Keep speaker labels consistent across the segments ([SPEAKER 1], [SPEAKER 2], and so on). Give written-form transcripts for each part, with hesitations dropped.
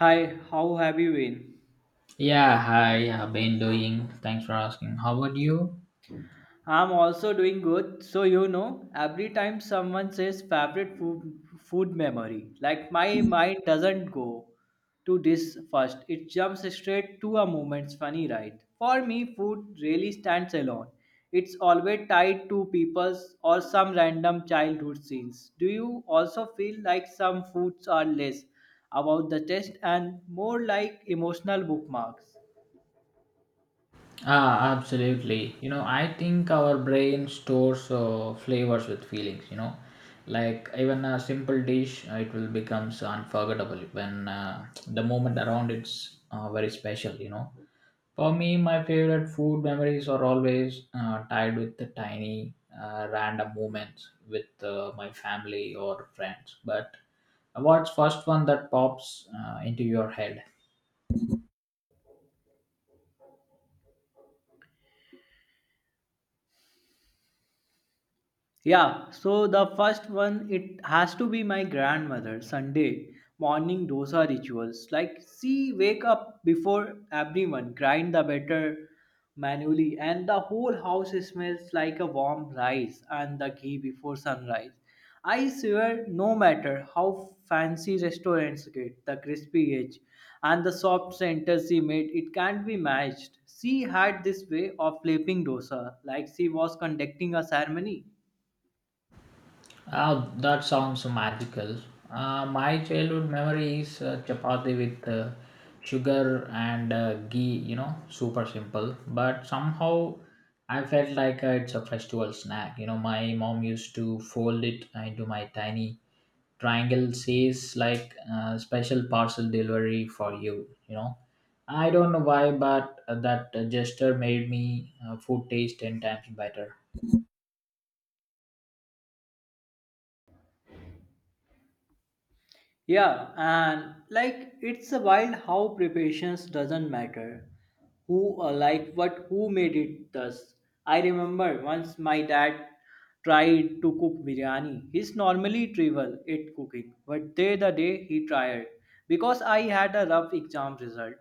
[SPEAKER 1] Hi, how have you been?
[SPEAKER 2] Yeah, hi, I've been doing. Thanks for asking. How about you?
[SPEAKER 1] I'm also doing good. Every time someone says favorite food, food memory, like my mind doesn't go to this first, it jumps straight to a moment's funny, right? For me, food really stands alone. It's always tied to people's or some random childhood scenes. Do you also feel like some foods are less about the taste and more like emotional bookmarks?
[SPEAKER 2] Ah, absolutely. You know, I think our brain stores flavors with feelings, you know. Like even a simple dish, it will becomes unforgettable when the moment around it's very special, you know. For me, my favorite food memories are always tied with the tiny random moments with my family or friends. But what's first one that pops into your head?
[SPEAKER 1] Yeah, so the first one, it has to be my grandmother Sunday morning dosa rituals. Like, she wake up before everyone, grind the batter manually, and the whole house smells like a warm rice and the ghee before sunrise. I swear, no matter how fancy restaurants get, the crispy edge and the soft center she made, it can't be matched. She had this way of flipping dosa, like she was conducting a ceremony.
[SPEAKER 2] Ah, that sounds magical. My childhood memory is chapati with sugar and ghee, you know, super simple. But somehow I felt like it's a festival snack. You know, my mom used to fold it into my tiny triangle says like special parcel delivery for you you know I don't know why, but that gesture made me food taste 10 times better.
[SPEAKER 1] Yeah, and like it's a wild how preparations doesn't matter. Who or like what who made it does. I remember once my dad tried to cook biryani. He's normally trivial at cooking, but there the day he tried because I had a rough exam result.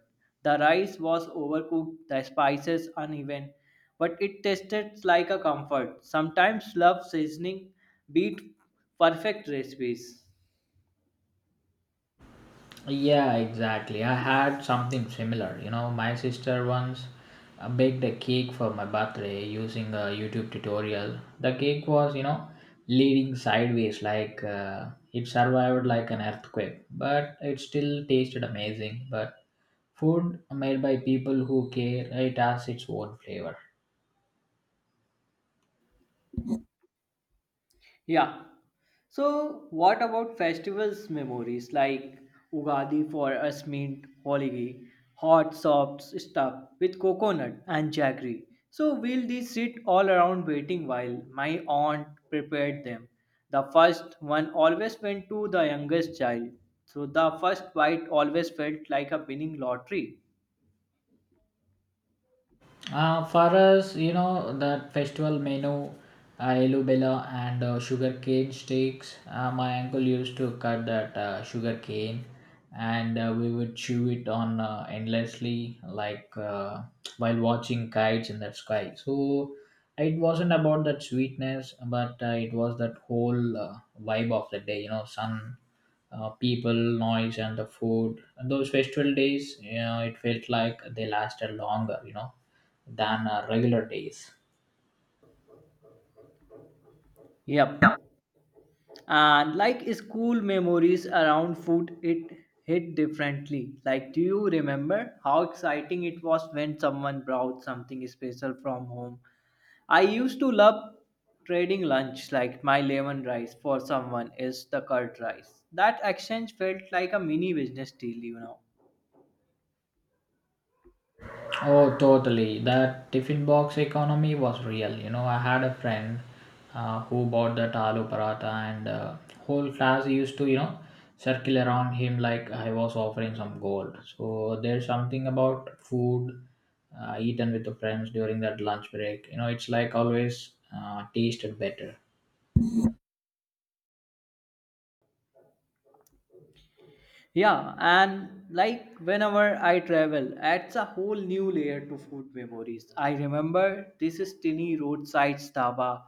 [SPEAKER 1] The rice was overcooked, the spices uneven, but it tasted like a comfort. Sometimes love seasoning beat perfect recipes.
[SPEAKER 2] Yeah, exactly. I had something similar. You know, my sister once baked a cake for my birthday using a YouTube tutorial. The cake was, you know, leaning sideways, like it survived like an earthquake, but it still tasted amazing. But food made by people who care, it has its own flavor.
[SPEAKER 1] Yeah, so what about festivals memories like Ugadi? For us meant Holiday, hot soft stuff with coconut and jaggery. So, we'll these sit all around waiting while my aunt prepared them. The first one always went to the youngest child. So, the first bite always felt like a winning lottery.
[SPEAKER 2] For us, you know, that festival menu, elubela and sugar cane steaks. My uncle used to cut that sugar cane and we would chew it on endlessly, like while watching kites in the sky. So it wasn't about that sweetness, but it was that whole vibe of the day, you know, sun, people, noise, and the food. And those festival days, you know, it felt like they lasted longer, you know, than regular days.
[SPEAKER 1] Yep.
[SPEAKER 2] Yeah.
[SPEAKER 1] And like school memories around food, it hit differently. Like, do you remember how exciting it was when someone brought something special from home? I used to love trading lunch, like my lemon rice for someone is the curd rice. That exchange felt like a mini business deal, you know.
[SPEAKER 2] Oh, totally. That tiffin box economy was real. You know, I had a friend who bought that aloo paratha, and whole class used to, you know, circle around him like I was offering some gold. So there's something about food eaten with the friends during that lunch break. You know, it's like always tasted better.
[SPEAKER 1] Yeah, and like whenever I travel, adds a whole new layer to food memories. I remember this is tiny roadside staba.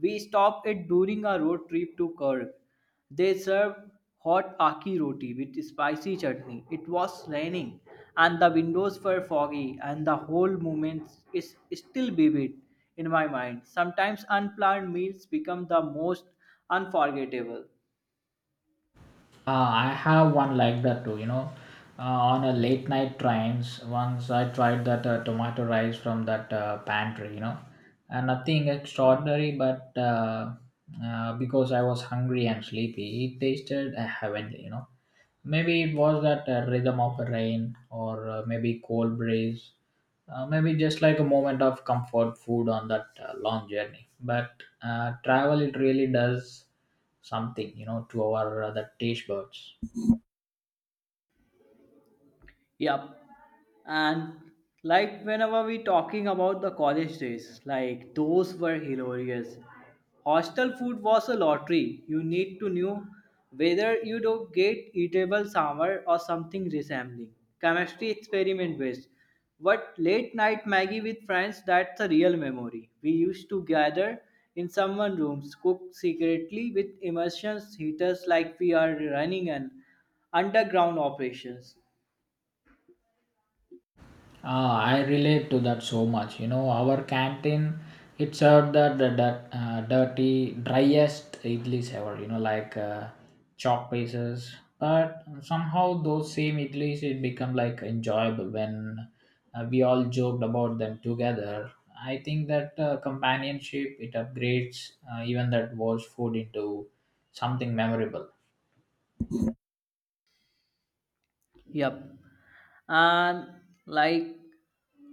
[SPEAKER 1] We stopped it during our road trip to Kurg. They served hot aki roti with spicy chutney. It was raining, and the windows were foggy, and the whole moment is still vivid in my mind. Sometimes unplanned meals become the most unforgettable.
[SPEAKER 2] I have one like that too, you know. On a late night trains, once I tried that tomato rice from that pantry, you know. Nothing extraordinary, but because I was hungry and sleepy, it tasted heavenly, you know. Maybe it was that rhythm of a rain, or maybe cold breeze. Maybe just like a moment of comfort food on that long journey. But travel, it really does something, you know, to our the taste buds.
[SPEAKER 1] Yep. And like whenever we talking about the college days, like those were hilarious. Hostel food was a lottery. You need to know whether you do get eatable somewhere or something resembling. Chemistry experiment based. But late night Maggie with friends, that's a real memory. We used to gather in someone rooms, cook secretly with immersion heaters like we are running an underground operations.
[SPEAKER 2] Ah, I relate to that so much, you know. Our canteen, it served dirty driest idlis ever, you know, like chalk pieces, but somehow those same idlis, it become like enjoyable when we all joked about them together. I think that companionship, it upgrades even that worst food into something memorable.
[SPEAKER 1] Yep. And like,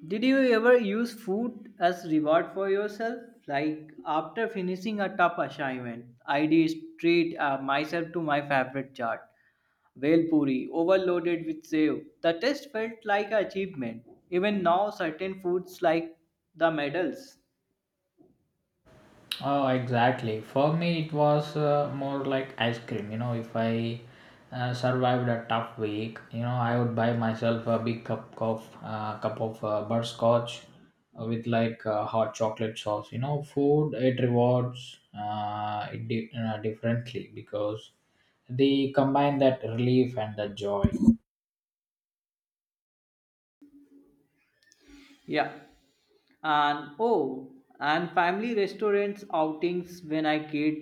[SPEAKER 1] did you ever use food as reward for yourself? Like after finishing a tough assignment, I did treat myself to my favorite chaat, Vel puri, overloaded with sev. The taste felt like an achievement. Even now, certain foods like the medals.
[SPEAKER 2] Oh, exactly. For me, it was more like ice cream. You know, if I survived a tough week, you know, I would buy myself a big cup of butterscotch with like hot chocolate sauce. You know, food it rewards differently because they combine that relief and the joy.
[SPEAKER 1] Yeah. and oh and family restaurants outings when i kid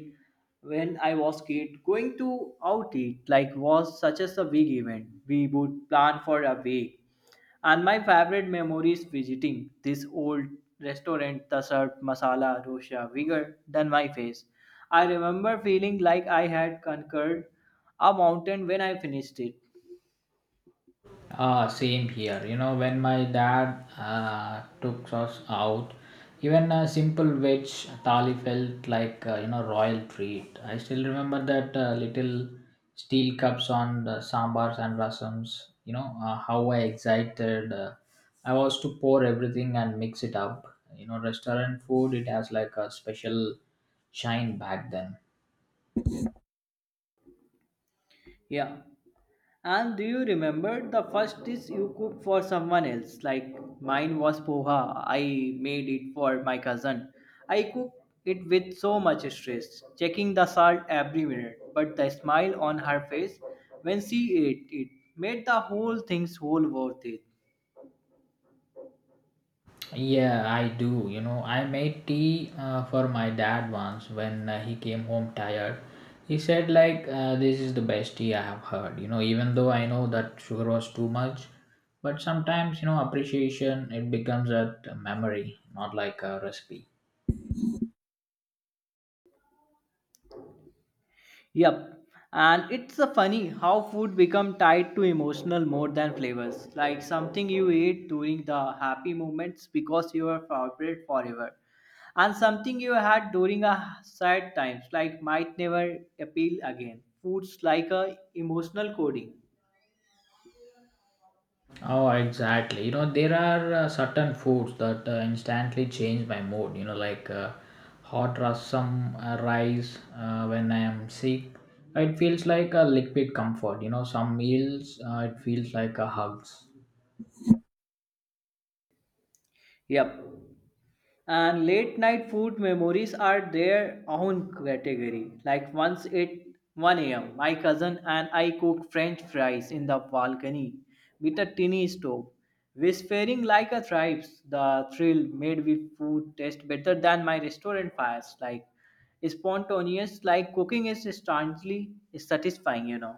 [SPEAKER 1] when i was kid going to out eat like was such as a big event. We would plan for a week, and my favorite memory is visiting this old restaurant the served masala dosha bigger than my face. I remember feeling like I had conquered a mountain when I finished it.
[SPEAKER 2] Ah, same here. You know, when my dad took us out, even a simple veg thali felt like you know royal treat. I still remember that little steel cups on the sambars and rasams. You know, how I excited I was to pour everything and mix it up. You know, restaurant food, it has like a special shine back then.
[SPEAKER 1] Yeah. And do you remember the first dish you cooked for someone else? Like mine was poha. I made it for my cousin. I cooked it with so much stress, checking the salt every minute. But the smile on her face when she ate it made the whole thing's whole worth it.
[SPEAKER 2] Yeah, I do. You know, I made tea for my dad once when he came home tired. He said, like, this is the best tea I have heard. You know, even though I know that sugar was too much, but sometimes, you know, appreciation, it becomes a memory, not like a recipe.
[SPEAKER 1] Yep. And it's a funny how food become tied to emotional more than flavors. Like something you ate during the happy moments because you are favorite forever. And something you had during a sad times, like might never appeal again. Foods like a emotional coding.
[SPEAKER 2] Oh, exactly. You know, there are certain foods that instantly change my mood. You know, like hot rasam rice when I am sick. It feels like a liquid comfort. You know, some meals it feels like a hugs.
[SPEAKER 1] Yep. And late night food memories are their own category. Like once at 1 a.m., my cousin and I cooked French fries in the balcony with a tiny stove. Whispering like a tribes, the thrill made the food taste better than my restaurant fires. Like spontaneous, like cooking is instantly satisfying, you know.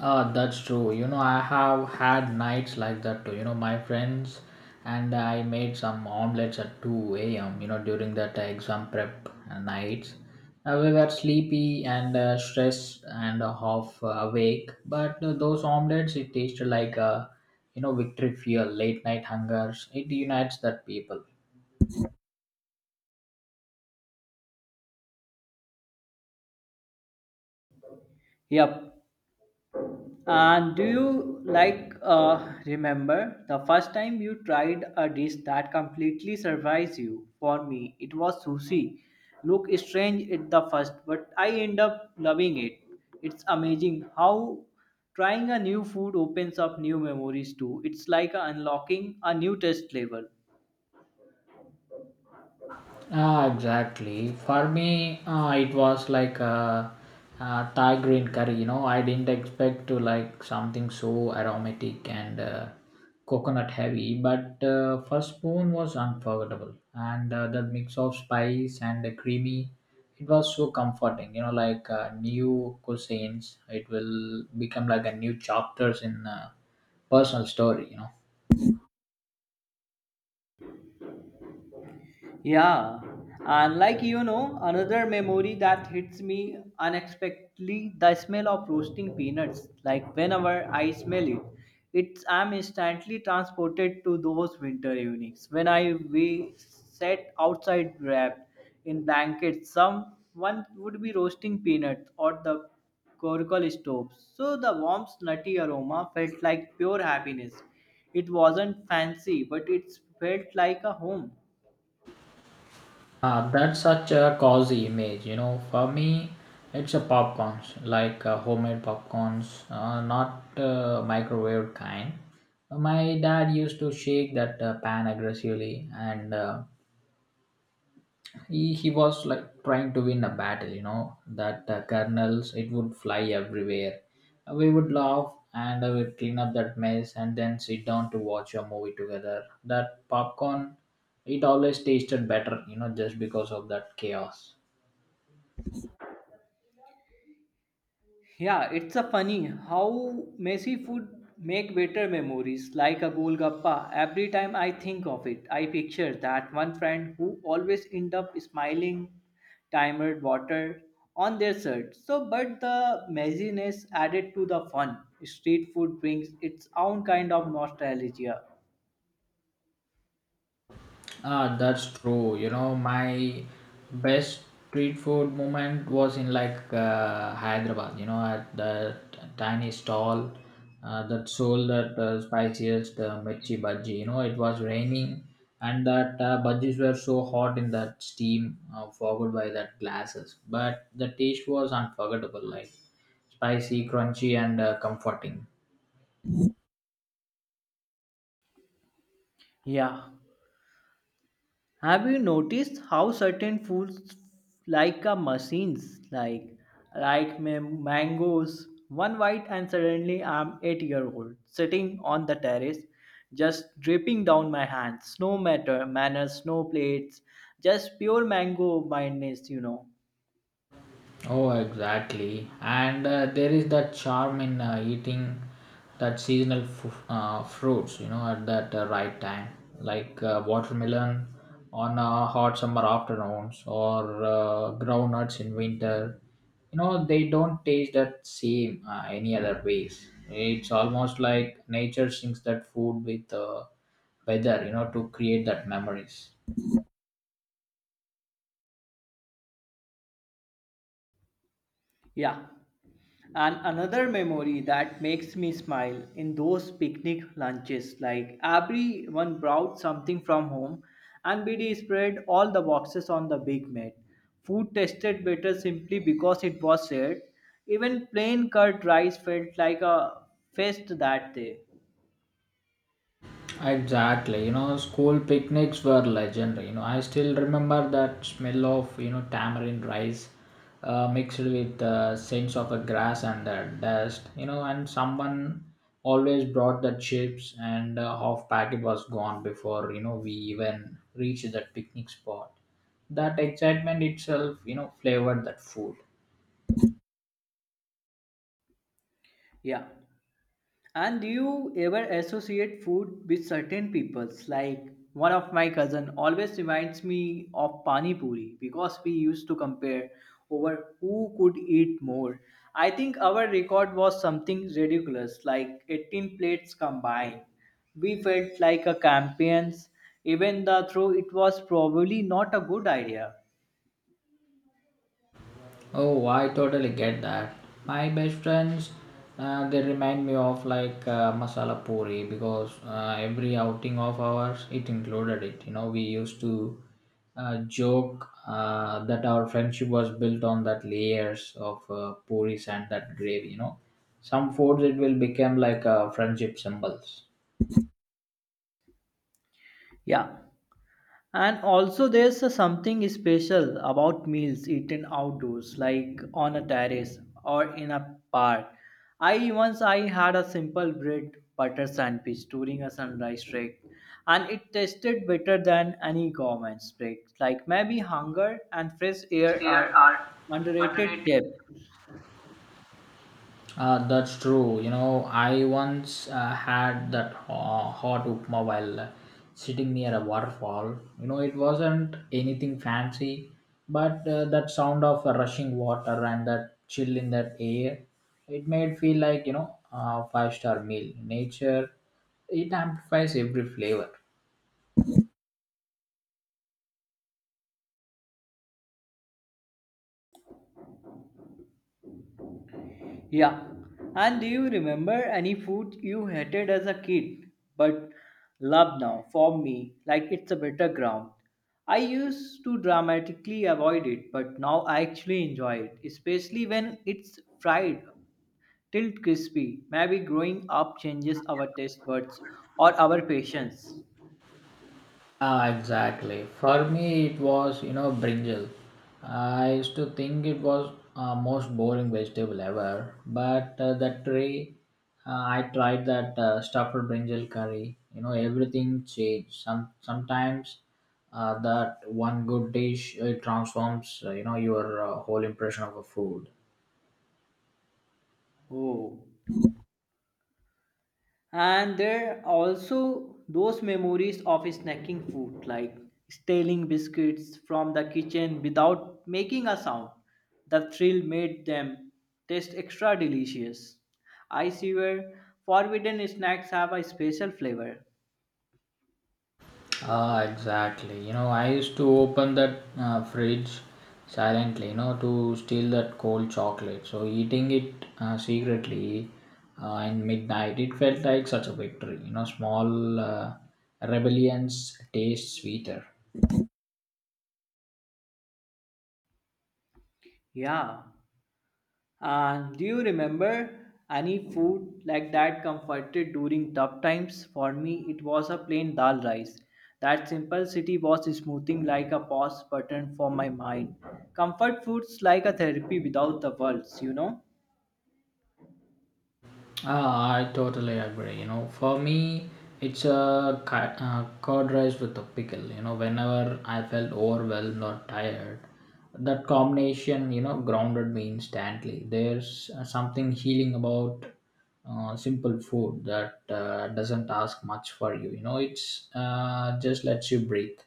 [SPEAKER 2] That's true. You know, I have had nights like that too. You know, my friends and I made some omelets at 2 a.m., you know, during that exam prep nights. We were sleepy and stressed and half awake, but those omelets, it tasted like, a you know, victory fuel, late night hungers. It unites that people.
[SPEAKER 1] Yep. And do you like remember the first time you tried a dish that completely surprised you? For me, it was sushi. Look strange at the first, but I end up loving it. It's amazing how trying a new food opens up new memories too. It's like unlocking a new taste level.
[SPEAKER 2] Ah, exactly. For me, it was like a, Thai green curry. You know, I didn't expect to like something so aromatic and coconut heavy, but first spoon was unforgettable, and that mix of spice and the creamy, it was so comforting. You know, like new cuisines, it will become like a new chapters in personal story, you know.
[SPEAKER 1] Yeah, and like you know, another memory that hits me unexpectedly the smell of roasting peanuts. Like whenever I smell it, it's I'm instantly transported to those winter evenings when I we sat outside wrapped in blankets. Someone would be roasting peanuts or the coracle stove, so the warmth, nutty aroma felt like pure happiness. It wasn't fancy, but it felt like a home.
[SPEAKER 2] That's such a cozy image, you know. For me, it's a popcorns, like homemade popcorns, not microwave kind. My dad used to shake that pan aggressively, and he was like trying to win a battle, you know. That kernels, it would fly everywhere. We would laugh and we'd clean up that mess and then sit down to watch a movie together. That popcorn, it always tasted better, you know, just because of that chaos.
[SPEAKER 1] Yeah, it's a funny how messy food make better memories like a golgappa. Every time I think of it, I picture that one friend who always end up smiling, timed water on their shirt. So, but the messiness added to the fun. Street food brings its own kind of nostalgia.
[SPEAKER 2] Ah, that's true. You know, my best street food moment was in like Hyderabad. You know, at that tiny stall that sold that spiciest mirchi bhaji. You know, it was raining, and that bhajis were so hot in that steam, fogged by that glasses. But the taste was unforgettable, like spicy, crunchy, and comforting.
[SPEAKER 1] Yeah. Have you noticed how certain foods like a machines like mangoes? One bite and suddenly I'm 8 year old sitting on the terrace, just dripping down my hands, no matter manners, no plates, just pure mango madness, you know.
[SPEAKER 2] Oh, exactly. And there is that charm in eating that seasonal fruits, you know, at that right time, like watermelon on hot summer afternoons or groundnuts in winter. You know, they don't taste that same any other ways. It's almost like nature sings that food with weather, you know, to create that memories.
[SPEAKER 1] Yeah, and another memory that makes me smile in those picnic lunches, like everyone brought something from home and BD spread all the boxes on the big mat. Food tasted better simply because it was shared. Even plain cut rice felt like a feast that day.
[SPEAKER 2] Exactly, you know, school picnics were legendary. You know, I still remember that smell of you know tamarind rice, mixed with the scents of the grass and the dust. You know, and someone always brought the chips, and half packet was gone before you know we even reached that picnic spot. That excitement itself, you know, flavored that food.
[SPEAKER 1] Yeah. And do you ever associate food with certain peoples? Like one of my cousin always reminds me of pani puri, because we used to compare over who could eat more. I think our record was something ridiculous, like 18 plates combined. We felt like a champions, even though it was probably not a good idea.
[SPEAKER 2] Oh, I totally get that. My best friends, they remind me of like masala puri because every outing of ours, it included it. You know, we used to joke that our friendship was built on that layers of puris and that gravy. You know, some foods, it will become like friendship symbols.
[SPEAKER 1] Yeah, and also, there's a something special about meals eaten outdoors, like on a terrace or in a park. I once I had a simple bread butter sandwich during a sunrise trek, and it tasted better than any gourmet break. Like maybe hunger and fresh air
[SPEAKER 2] Here
[SPEAKER 1] are
[SPEAKER 2] are
[SPEAKER 1] underrated
[SPEAKER 2] underrated.
[SPEAKER 1] chef.
[SPEAKER 2] That's true. You know, I once had that hot upma while sitting near a waterfall. You know, it wasn't anything fancy, but that sound of rushing water and that chill in that air, it made feel like you know a five-star meal. Nature, it amplifies every flavor.
[SPEAKER 1] Yeah. And do you remember any food you hated as a kid but love now? For me, like it's a better ground. I used to dramatically avoid it, but now I actually enjoy it, especially when it's fried till crispy. Maybe growing up changes our taste buds or our patience.
[SPEAKER 2] Ah, exactly. For me, it was, you know, brinjal. I used to think it was most boring vegetable ever, but that day I tried that stuffed brinjal curry. You know, everything changed. Sometimes that one good dish it transforms, you know, your whole impression of a food.
[SPEAKER 1] Oh. And there are also those memories of snacking food, like stealing biscuits from the kitchen without making a sound. The thrill made them taste extra delicious. I swear, forbidden snacks have a special flavor.
[SPEAKER 2] Ah, exactly. You know, I used to open that fridge silently, you know, to steal that cold chocolate. So eating it secretly in midnight, it felt like such a victory. You know, small rebellions taste sweeter.
[SPEAKER 1] Yeah. Do you remember any food like that comforted during tough times? For me, it was a plain dal rice. That simplicity was smoothing like a pause button for my mind. Comfort foods like a therapy without the words, you know?
[SPEAKER 2] Ah, I totally agree. You know, for me, it's a curd rice with a pickle. You know, whenever I felt overwhelmed or tired, that combination, you know, grounded me instantly. There's something healing about simple food that doesn't ask much for you. You know, it's just lets you breathe.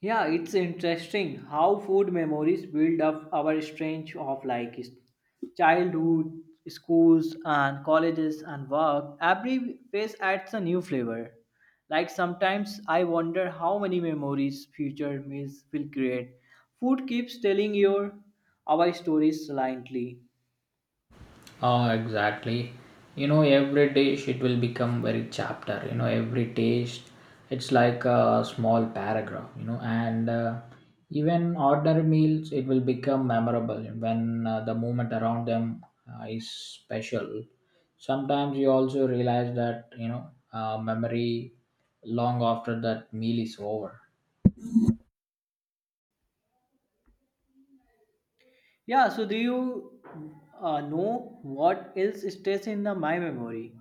[SPEAKER 1] Yeah, it's interesting how food memories build up our strange of childhood, schools and colleges and work. Every phase adds a new flavor. Like sometimes I wonder how many memories future meals will create. Food keeps telling your our stories silently.
[SPEAKER 2] Oh, exactly. You know, every dish it will become very chapter. You know, every taste, it's like a small paragraph. You know, and even ordinary meals, it will become memorable when the moment around them is special. Sometimes you also realize that you know memory long after that meal is over.
[SPEAKER 1] Yeah, so do you know what else stays in the my memory?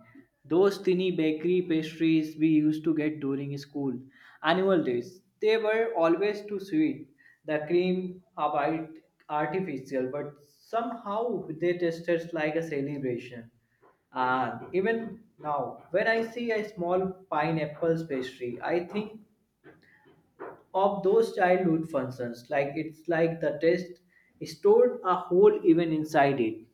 [SPEAKER 1] Those tiny bakery pastries we used to get during school annual days. They were always too sweet. The cream a bit artificial, but somehow they tasted like a celebration. And even now, when I see a small pineapple pastry, I think of those childhood functions like it's like the test stored a whole even inside it.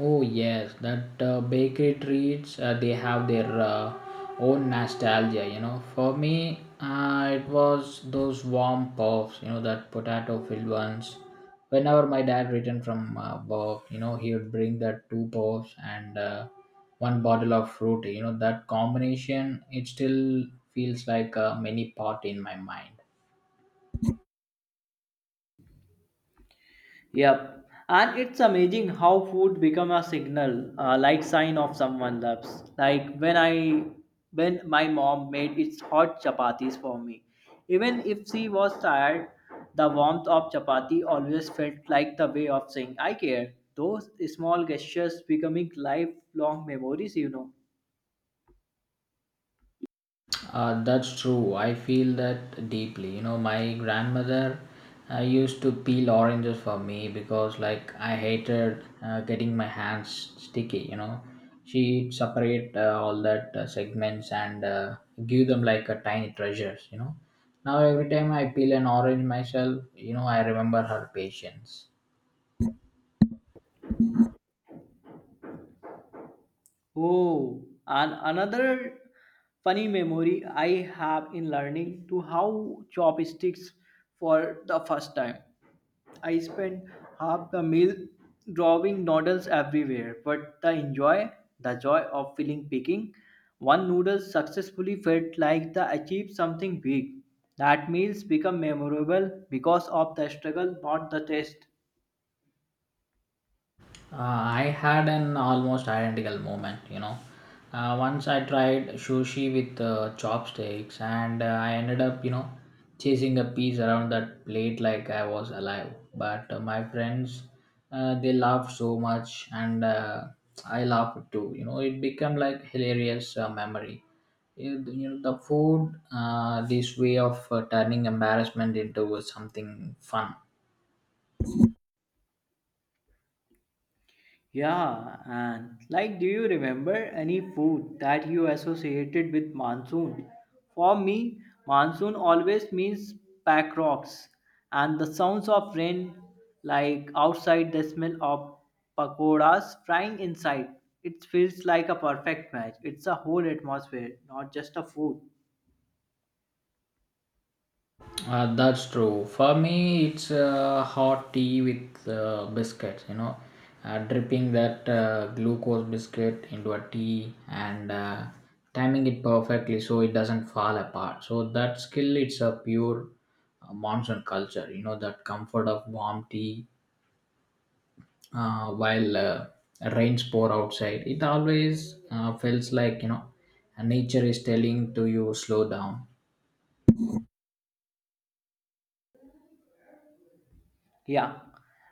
[SPEAKER 2] Oh yes, that bakery treats they have their own nostalgia. You know, for me, it was those warm puffs. You know, that potato filled ones. Whenever my dad returned from work, you know, he would bring that two puffs and one bottle of fruit. You know, that combination it still feels like a mini pot in my mind.
[SPEAKER 1] Yep. And it's amazing how food become a signal like sign of someone loves, like when my mom made its hot chapatis for me, even if she was tired, the warmth of chapati always felt like the way of saying I care. Those small gestures becoming lifelong memories, you know.
[SPEAKER 2] That's true. I feel that deeply. You know, my grandmother used to peel oranges for me because, like, I hated getting my hands sticky. You know, she'd separate all that segments and give them like a tiny treasures. You know, now every time I peel an orange myself, you know, I remember her patience.
[SPEAKER 1] Oh, and another funny memory I have in learning to how chopsticks for the first time. I spent half the meal drawing noodles everywhere, but the joy of feeling picking one noodle successfully felt like the achieved something big. That meals become memorable because of the struggle, not the taste.
[SPEAKER 2] I had an almost identical moment, you know. Once I tried sushi with chopsticks and I ended up, you know, chasing a piece around that plate like I was alive. But my friends, they laughed so much and I laughed too. You know, it became like hilarious memory. You know, the food, this way of turning embarrassment into something fun.
[SPEAKER 1] Yeah, and like, do you remember any food that you associated with monsoon? For me, monsoon always means pack rocks and the sounds of rain, like outside, the smell of pakoras frying inside. It feels like a perfect match. It's a whole atmosphere, not just a food.
[SPEAKER 2] That's true. For me, it's hot tea with biscuits, you know, dripping that glucose biscuit into a tea and timing it perfectly so it doesn't fall apart. So that skill, it's a pure monsoon culture, you know, that comfort of warm tea while rains pour outside. It always feels like, you know, nature is telling to you slow down.
[SPEAKER 1] Yeah.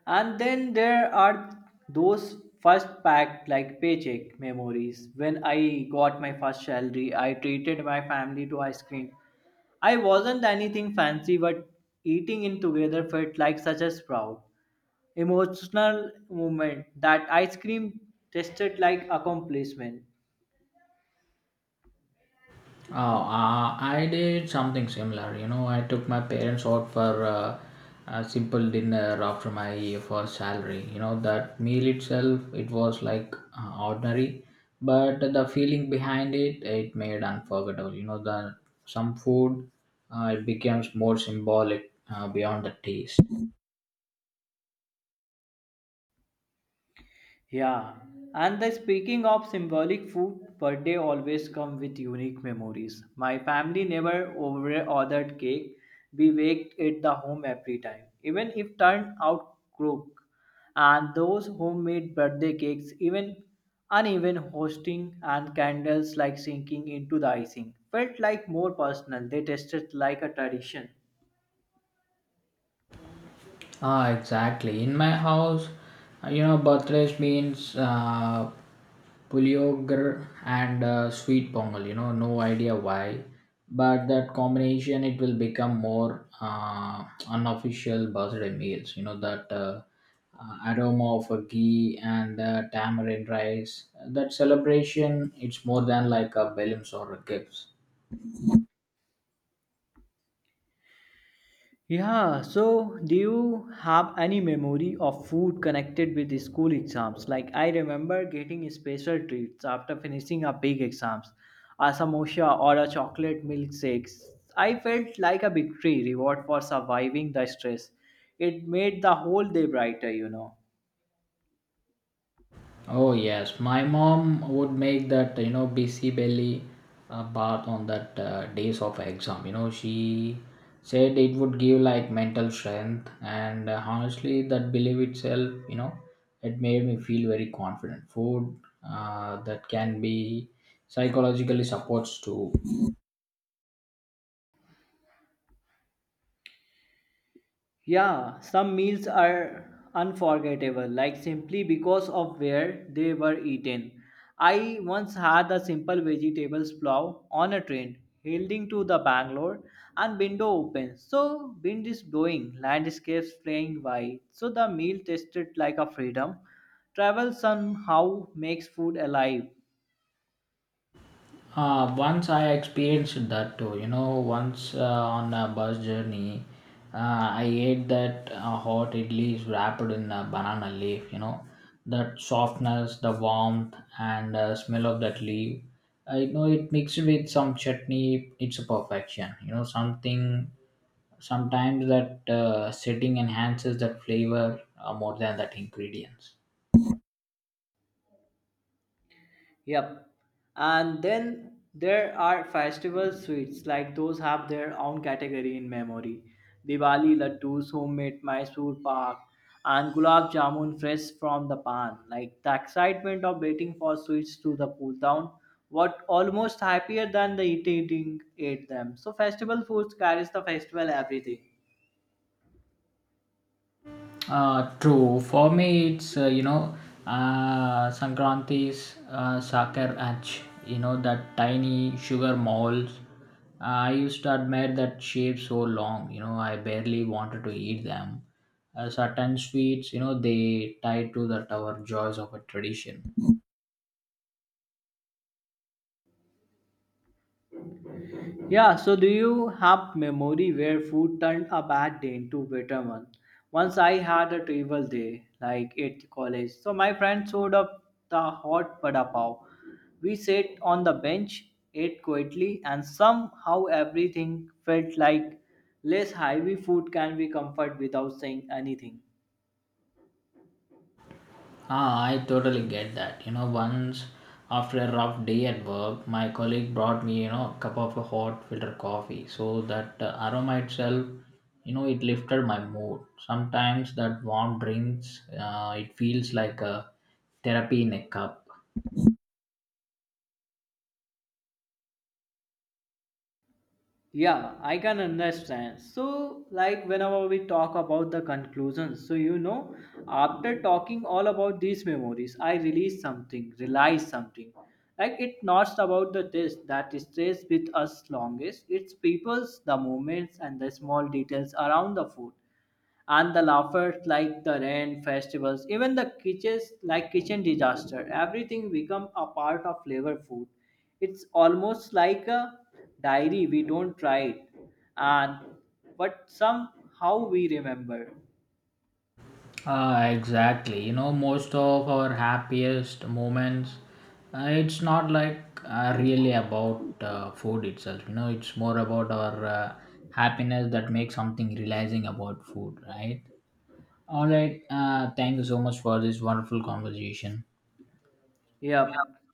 [SPEAKER 1] And then there are those first pack like paycheck memories. When I got my first salary, I treated my family to ice cream. I wasn't anything fancy, but eating in together felt like such a proud, emotional moment that ice cream tasted like accomplishment.
[SPEAKER 2] Oh, I did something similar. You know, I took my parents out for a simple dinner after my first salary. You know, that meal itself, it was like ordinary, but the feeling behind it, it made unforgettable. You know, the some food, it becomes more symbolic beyond the taste.
[SPEAKER 1] Yeah, and the speaking of symbolic food, birthday always come with unique memories. My family never over ordered cake. We baked it the home every time, even if turned out crook. And those homemade birthday cakes, even uneven hosting and candles like sinking into the icing, felt like more personal. They tasted like a tradition.
[SPEAKER 2] Ah, exactly. In my house, you know, birthdays means puliogar and sweet pongal. You know, no idea why, but that combination it will become more unofficial birthday meals. You know that aroma of a ghee and tamarind rice. That celebration it's more than like a balloons or a gifts.
[SPEAKER 1] Yeah, so do you have any memory of food connected with the school exams? Like I remember getting special treats after finishing a big exams, a samosa or a chocolate milkshake. I felt like a victory reward for surviving the stress. It made the whole day brighter, you know.
[SPEAKER 2] Oh yes, my mom would make that you know busy belly bath on that days of exam. You know she said it would give like mental strength, and honestly, that belief itself, you know, it made me feel very confident. Food that can be psychologically supports too.
[SPEAKER 1] Yeah, some meals are unforgettable, like simply because of where they were eaten. I once had a simple vegetables plow on a train heading to the Bangalore and window open. So wind is blowing, landscapes playing wide. So the meal tasted like a freedom. Travel somehow makes food alive.
[SPEAKER 2] Once I experienced that too, you know, once on a bus journey, I ate that hot idli is wrapped in a banana leaf, you know, that softness, the warmth, and smell of that leaf. I know it mixed with some chutney, it's a perfection, you know, something sometimes that setting enhances that flavor more than that ingredients.
[SPEAKER 1] Yep. And then there are festival sweets, like those have their own category in memory. Diwali laddus, homemade Mysore pak, and gulab jamun fresh from the pan. Like the excitement of waiting for sweets to the cool down, what almost happier than the eating eating ate them. So festival foods carries the festival everything.
[SPEAKER 2] True. For me, it's you know, Sankranti's Sakar Ach. You know that tiny sugar molds. I used to admire that shape so long. You know, I barely wanted to eat them. Certain sweets, you know, they tie to that our joys of a tradition.
[SPEAKER 1] Yeah, so do you have memory where food turned a bad day into better one? Once I had a terrible day, like at college. So my friend showed up the hot vada pav. We sat on the bench, ate quietly, and somehow everything felt like less heavy. Food can be comfort without saying anything.
[SPEAKER 2] Ah, I totally get that. You know, once after a rough day at work, my colleague brought me, you know, a cup of a hot filter coffee. So that aroma itself, you know, it lifted my mood. Sometimes that warm drinks, it feels like a therapy in a cup.
[SPEAKER 1] Yeah, I can understand. So, like, whenever we talk about the conclusions, so you know, after talking all about these memories, realize something. Like, it's not about the test that stays with us longest, it's people's, the moments, and the small details around the food and the laughers, like the rain festivals, even the kitchens, like kitchen disaster, everything become a part of flavor food. It's almost like a diary we don't try it, and but somehow we remember.
[SPEAKER 2] Exactly. You know, most of our happiest moments, it's not like really about food itself. You know, it's more about our happiness that makes something realizing about food, right? All right. Thank you so much for this wonderful conversation.
[SPEAKER 1] Yep.